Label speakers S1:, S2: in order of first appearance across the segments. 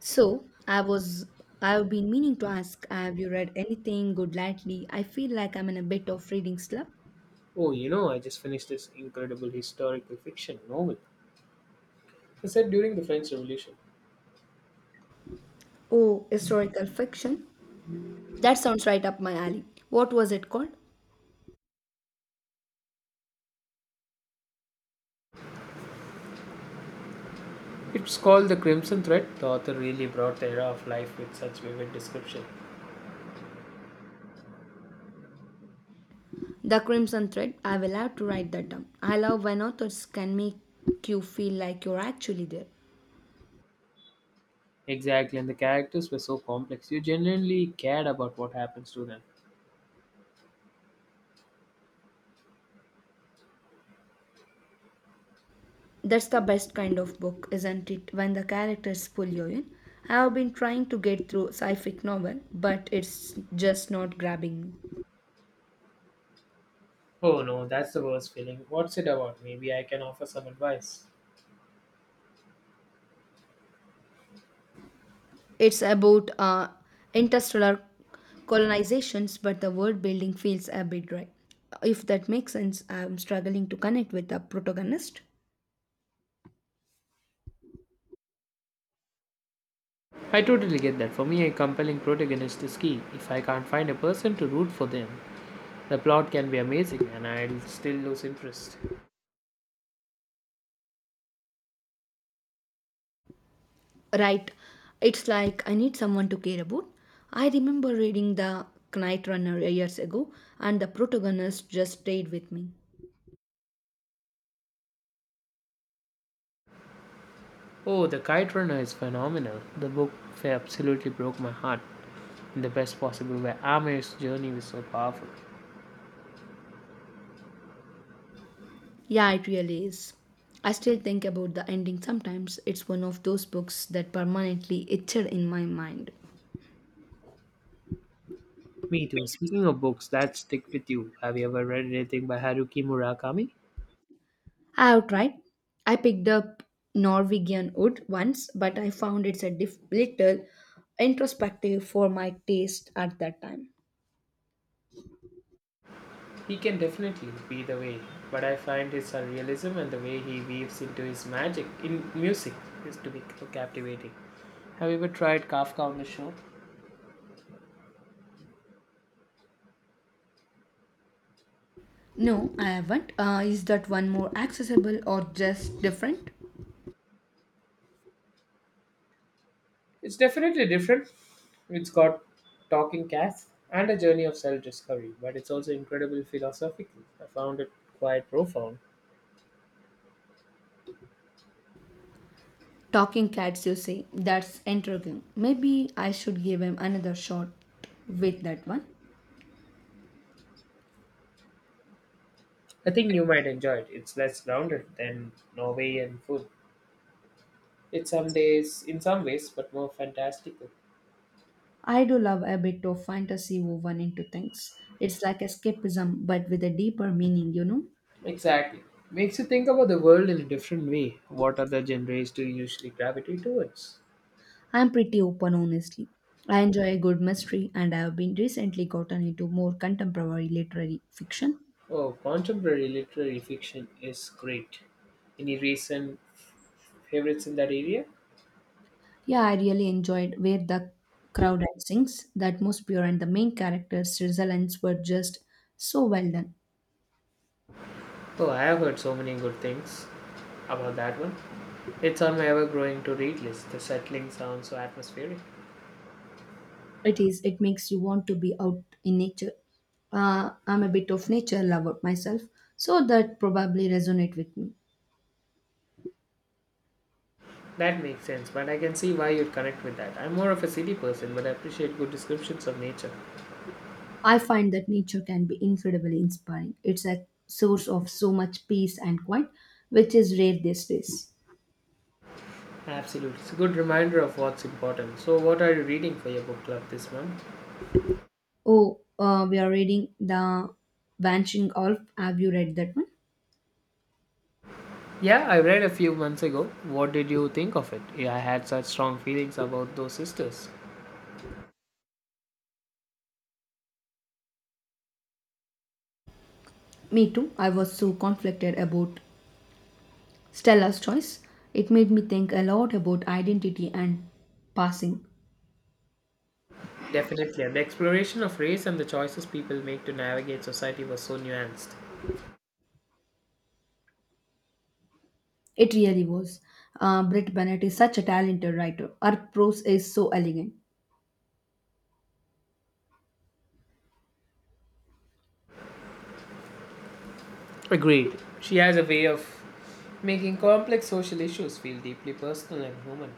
S1: So, I was I've been meaning to ask, have you read anything good lately? I feel like I'm in a bit of reading slump.
S2: Oh, you know, I just finished this incredible historical fiction novel. I said during the French Revolution.
S1: Oh, historical fiction. That sounds right up my alley. What was it called?
S2: It's called The Crimson Thread. The author really brought the era of life with such vivid description.
S1: The Crimson Thread. I will have to write that down. I love when authors can make you feel like you're actually there.
S2: Exactly, and the characters were so complex. You genuinely cared about what happens to them.
S1: That's the best kind of book, isn't it? When the characters pull you in. I have been trying to get through sci fi novel, but it's just not grabbing me.
S2: Oh no, that's the worst feeling. What's it about? Maybe I can offer some advice.
S1: It's about interstellar colonizations, but the world building feels a bit dry. If that makes sense, I'm struggling to connect with the protagonist.
S2: I totally get that. For me, a compelling protagonist is key. If I can't find a person to root for them, the plot can be amazing and I'll still lose interest.
S1: Right, it's like I need someone to care about. I remember reading The Knight Runner years ago, and the protagonist just stayed with me.
S2: Oh, The Kite Runner is phenomenal. The absolutely broke my heart in the best possible way. Amir's journey was so powerful.
S1: Yeah, it really is. I still think about the ending sometimes. It's one of those books that permanently etched in my mind.
S2: Me too. Speaking of books that stick with you, have you ever read anything by Haruki Murakami?
S1: I have tried. I picked up Norwegian wood once, but I found it's a little introspective for my taste at that time.
S2: He can definitely be the way, but I find his surrealism and the way he weaves into his magic in music is to be captivating. Have you ever tried Kafka on the Shore?
S1: No, I haven't. Is that one more accessible or just different?
S2: It's definitely different. It's got talking cats and a journey of self discovery, but it's also incredibly philosophical. I found it quite profound.
S1: Talking cats, you say. That's intriguing. Maybe I should give him another shot with that one.
S2: I think you might enjoy it. It's less grounded than Norwegian food. It's some days, in some ways, but more fantastical.
S1: I do love a bit of fantasy woven into things. It's like escapism, but with a deeper meaning?
S2: Exactly. Makes you think about the world in a different way. What other genres do you usually gravitate towards?
S1: I'm pretty open, honestly. I enjoy a good mystery, and I have been recently gotten into more contemporary literary fiction.
S2: Oh, contemporary literary fiction is great. Any recent favorites in that area?
S1: Yeah, I really enjoyed Where the Crowd At Sings, the atmosphere and the main character's resilience were just so well done.
S2: Oh, I have heard so many good things about that one. It's on my ever growing to read list. The settling sounds so atmospheric.
S1: It is, it makes you want to be out in nature. I'm a bit of nature lover myself, so that probably resonate with me.
S2: That makes sense, but I can see why you'd connect with that. I'm more of a city person, but I appreciate good descriptions of nature.
S1: I find that nature can be incredibly inspiring. It's a source of so much peace and quiet, which is rare these days.
S2: Absolutely. It's a good reminder of what's important. So, what are you reading for your book club this month?
S1: Oh, we are reading The Vanishing Alf. Have you read that one?
S2: Yeah, I read a few months ago. What did you think of it? Yeah, I had such strong feelings about those sisters.
S1: Me too. I was so conflicted about Stella's choice. It made me think a lot about identity and passing.
S2: Definitely. And the exploration of race and the choices people make to navigate society was so nuanced.
S1: It really was. Britt Bennett is such a talented writer. Her prose is so elegant.
S2: Agreed. She has a way of making complex social issues feel deeply personal and human.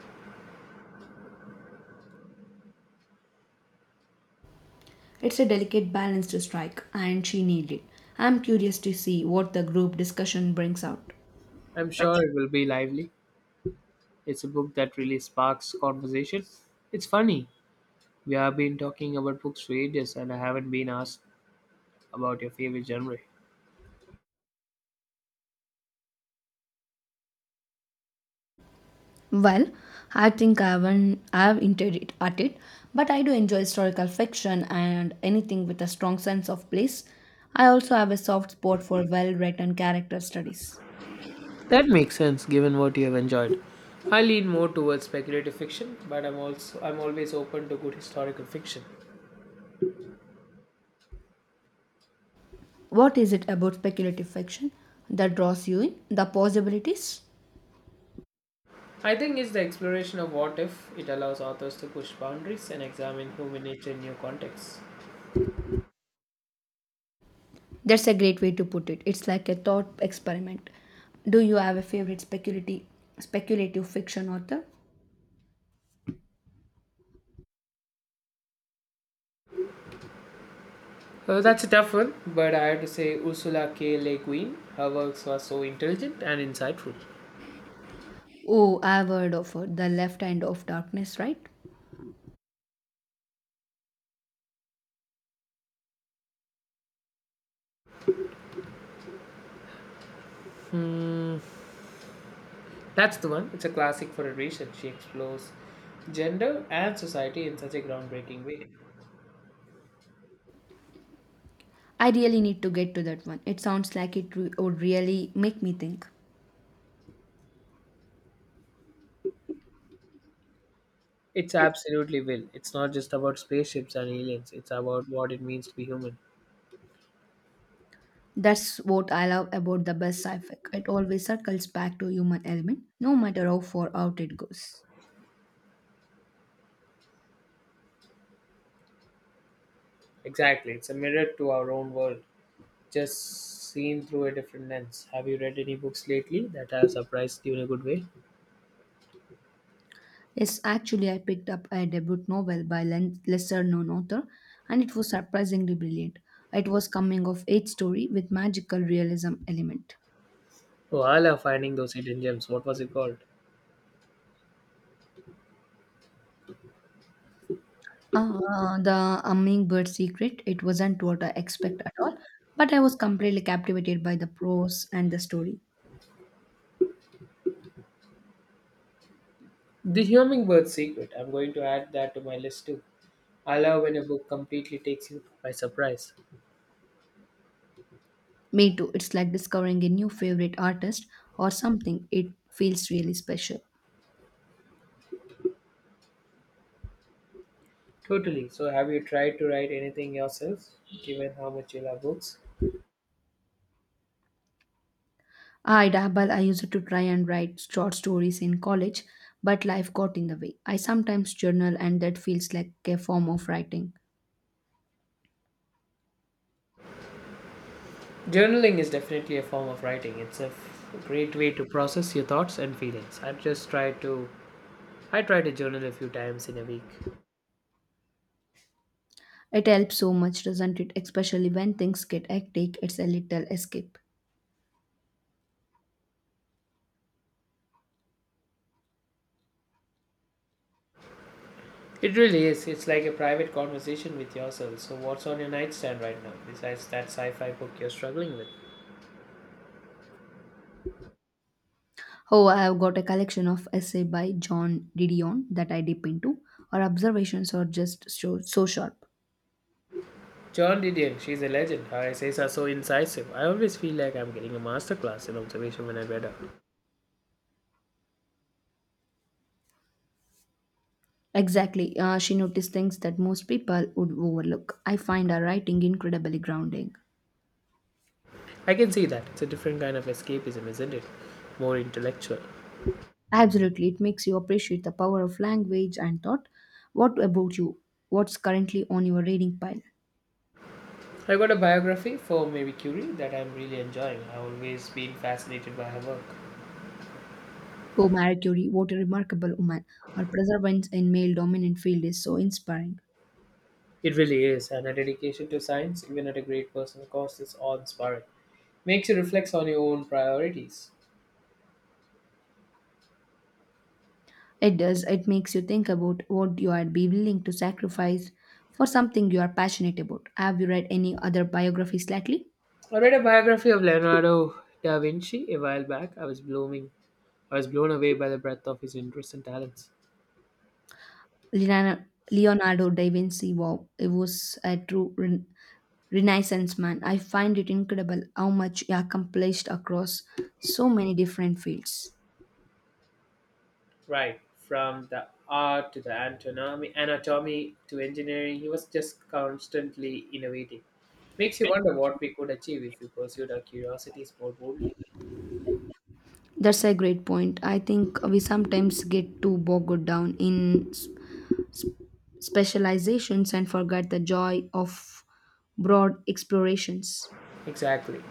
S1: It's a delicate balance to strike, and she nailed it. I'm curious to see what the group discussion brings out.
S2: I'm sure it will be lively. It's a book that really sparks conversation. It's funny. We have been talking about books for ages and I haven't been asked about your favorite genre.
S1: Well, I think I haven't, I've hinted it at it, but I do enjoy historical fiction and anything with a strong sense of place. I also have a soft spot for well written character studies.
S2: That makes sense given what you have enjoyed. I lean more towards speculative fiction, but I'm always open to good historical fiction.
S1: What is it about speculative fiction that draws you in? The possibilities?
S2: I think it's the exploration of what if it allows authors to push boundaries and examine human nature in new contexts.
S1: That's a great way to put it. It's like a thought experiment. Do you have a favorite speculative fiction author?
S2: That's a tough one, but I have to say Ursula K. Le Guin. Her works are so intelligent and insightful.
S1: Oh, I've heard of it. The Left Hand of Darkness, right?
S2: That's the one. It's a classic for a reason. She explores gender and society in such a groundbreaking way.
S1: I really need to get to that one. It sounds like it would really make me think.
S2: It's absolutely will. It's not just about spaceships and aliens. It's about what it means to be human.
S1: That's what I love about the best sci-fi. It always circles back to human element, no matter how far out it goes.
S2: Exactly. It's a mirror to our own world, just seen through a different lens. Have you read any books lately that have surprised you in a good way?
S1: Yes, actually, I picked up a debut novel by lesser-known author, and it was surprisingly brilliant. It was coming of age story with magical realism element.
S2: Oh, I love finding those hidden gems. What was it called?
S1: The hummingbird secret, it wasn't what I expect at all, but I was completely captivated by the prose and the story.
S2: The Hummingbird's Secret. I'm going to add that to my list too. I love when a book completely takes you by surprise.
S1: Me too, it's like discovering a new favorite artist or something. It feels really special.
S2: Totally. So, have you tried to write anything yourself, given how much you love books?
S1: I dabble, I used to try and write short stories in college, but life got in the way. I sometimes journal and that feels like a form of writing.
S2: Journaling is definitely a form of writing. It's a great way to process your thoughts and feelings. I've just tried to. I try to journal a few times in a week.
S1: It helps so much, doesn't it? Especially when things get hectic, it's a little escape.
S2: It really is. It's like a private conversation with yourself. So, what's on your nightstand right now, besides that sci fi book you're struggling with?
S1: Oh, I have got a collection of essay by John Didion that I dip into. Her observations are just so, so sharp.
S2: John Didion, she's a legend. Her essays are so so incisive. I always feel like I'm getting a masterclass in observation when I read her.
S1: Exactly. She noticed things that most people would overlook. I find her writing incredibly grounding.
S2: I can see that. It's a different kind of escapism, isn't it? More intellectual.
S1: Absolutely. It makes you appreciate the power of language and thought. What about you? What's currently on your reading pile?
S2: I got a biography for Marie Curie that I'm really enjoying. I've always been fascinated by her work.
S1: Oh, Marie Curie, what a remarkable woman. Her perseverance in male dominant field is so inspiring.
S2: It really is, and her dedication to science, even at a great personal cost, is awe inspiring. Makes you reflect on your own priorities.
S1: It does, it makes you think about what you would be willing to sacrifice for something you are passionate about. Have you read any other biographies lately?
S2: I read a biography of Leonardo da Vinci a while back. I was blown away by the breadth of his interests and talents.
S1: Leonardo Leonardo da Vinci, wow, it was a true renaissance man. I find it incredible how much he accomplished across so many different fields.
S2: Right, from the art to the anatomy, anatomy to engineering, he was just constantly innovating. Makes you wonder what we could achieve if we pursued our curiosities more boldly.
S1: That's a great point. I think we sometimes get too bogged down in specializations and forget the joy of broad explorations.
S2: Exactly.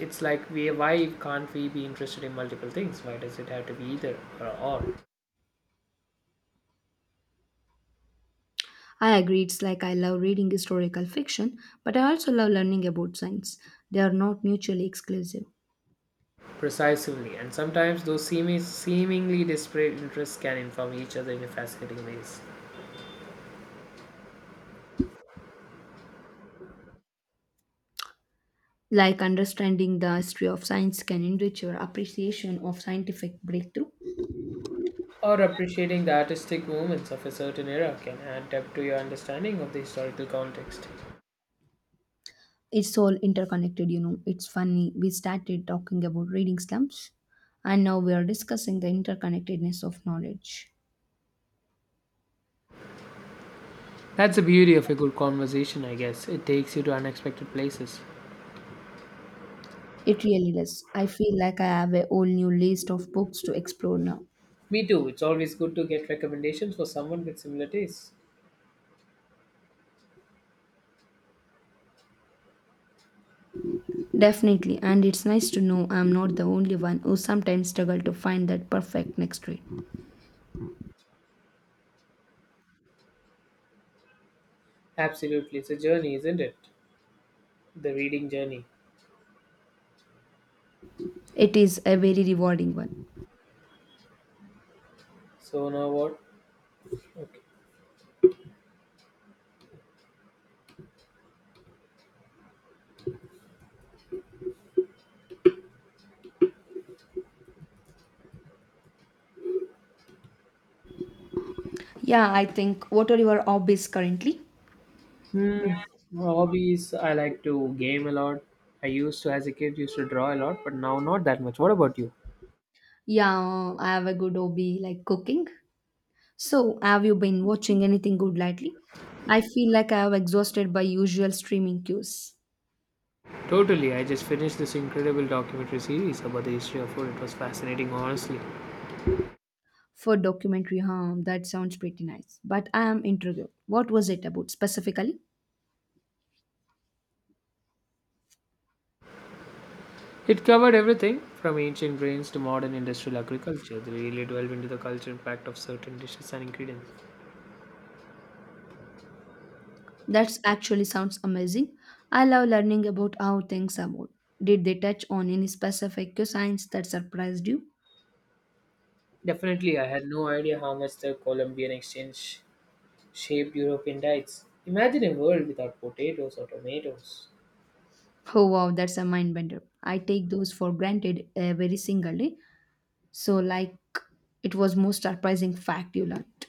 S2: It's like we why can't we be interested in multiple things? Why does it have to be either or all?
S1: I agree, it's like I love reading historical fiction, but I also love learning about science. They are not mutually exclusive.
S2: Precisely. And sometimes those seemingly disparate interests can inform each other in fascinating ways.
S1: Like understanding the history of science can enrich your appreciation of scientific breakthrough.
S2: Or appreciating the artistic movements of a certain era can add depth to your understanding of the historical context.
S1: It's all interconnected, you know. It's funny, we started talking about reading slumps, and now we are discussing the interconnectedness of knowledge.
S2: That's the beauty of a good conversation, I guess. It takes you to unexpected places.
S1: It really is. I feel like I have a whole new list of books to explore now.
S2: Me too. It's always good to get recommendations for someone with similar tastes.
S1: Definitely, and it's nice to know I'm not the only one who sometimes struggle to find that perfect next trade.
S2: Absolutely. It's a journey, isn't it? The reading journey.
S1: It is a very rewarding one.
S2: So now what? Okay.
S1: Yeah, I think what are your hobbies currently?
S2: Hmm. Hobbies. I like to game a lot. I used to, as a kid, used to draw a lot, but now not that much. What about you?
S1: Yeah, I have a good hobby like cooking. So, have you been watching anything good lately? I feel like I have exhausted by usual streaming cues.
S2: Totally, I just finished this incredible documentary series about the history of food. It was fascinating, honestly.
S1: For documentary, huh? That sounds pretty nice. But I am intrigued. What was it about specifically?
S2: It covered everything from ancient grains to modern industrial agriculture. They really delved into the cultural impact of certain dishes and ingredients.
S1: That actually sounds amazing. I love learning about how things evolve. Did they touch on any specific science that surprised you?
S2: Definitely, I had no idea how much the Colombian exchange shaped European diets. Imagine a world without potatoes or tomatoes.
S1: Oh wow, that's a mind bender. I take those for granted every single day. So like it was most surprising fact you learned.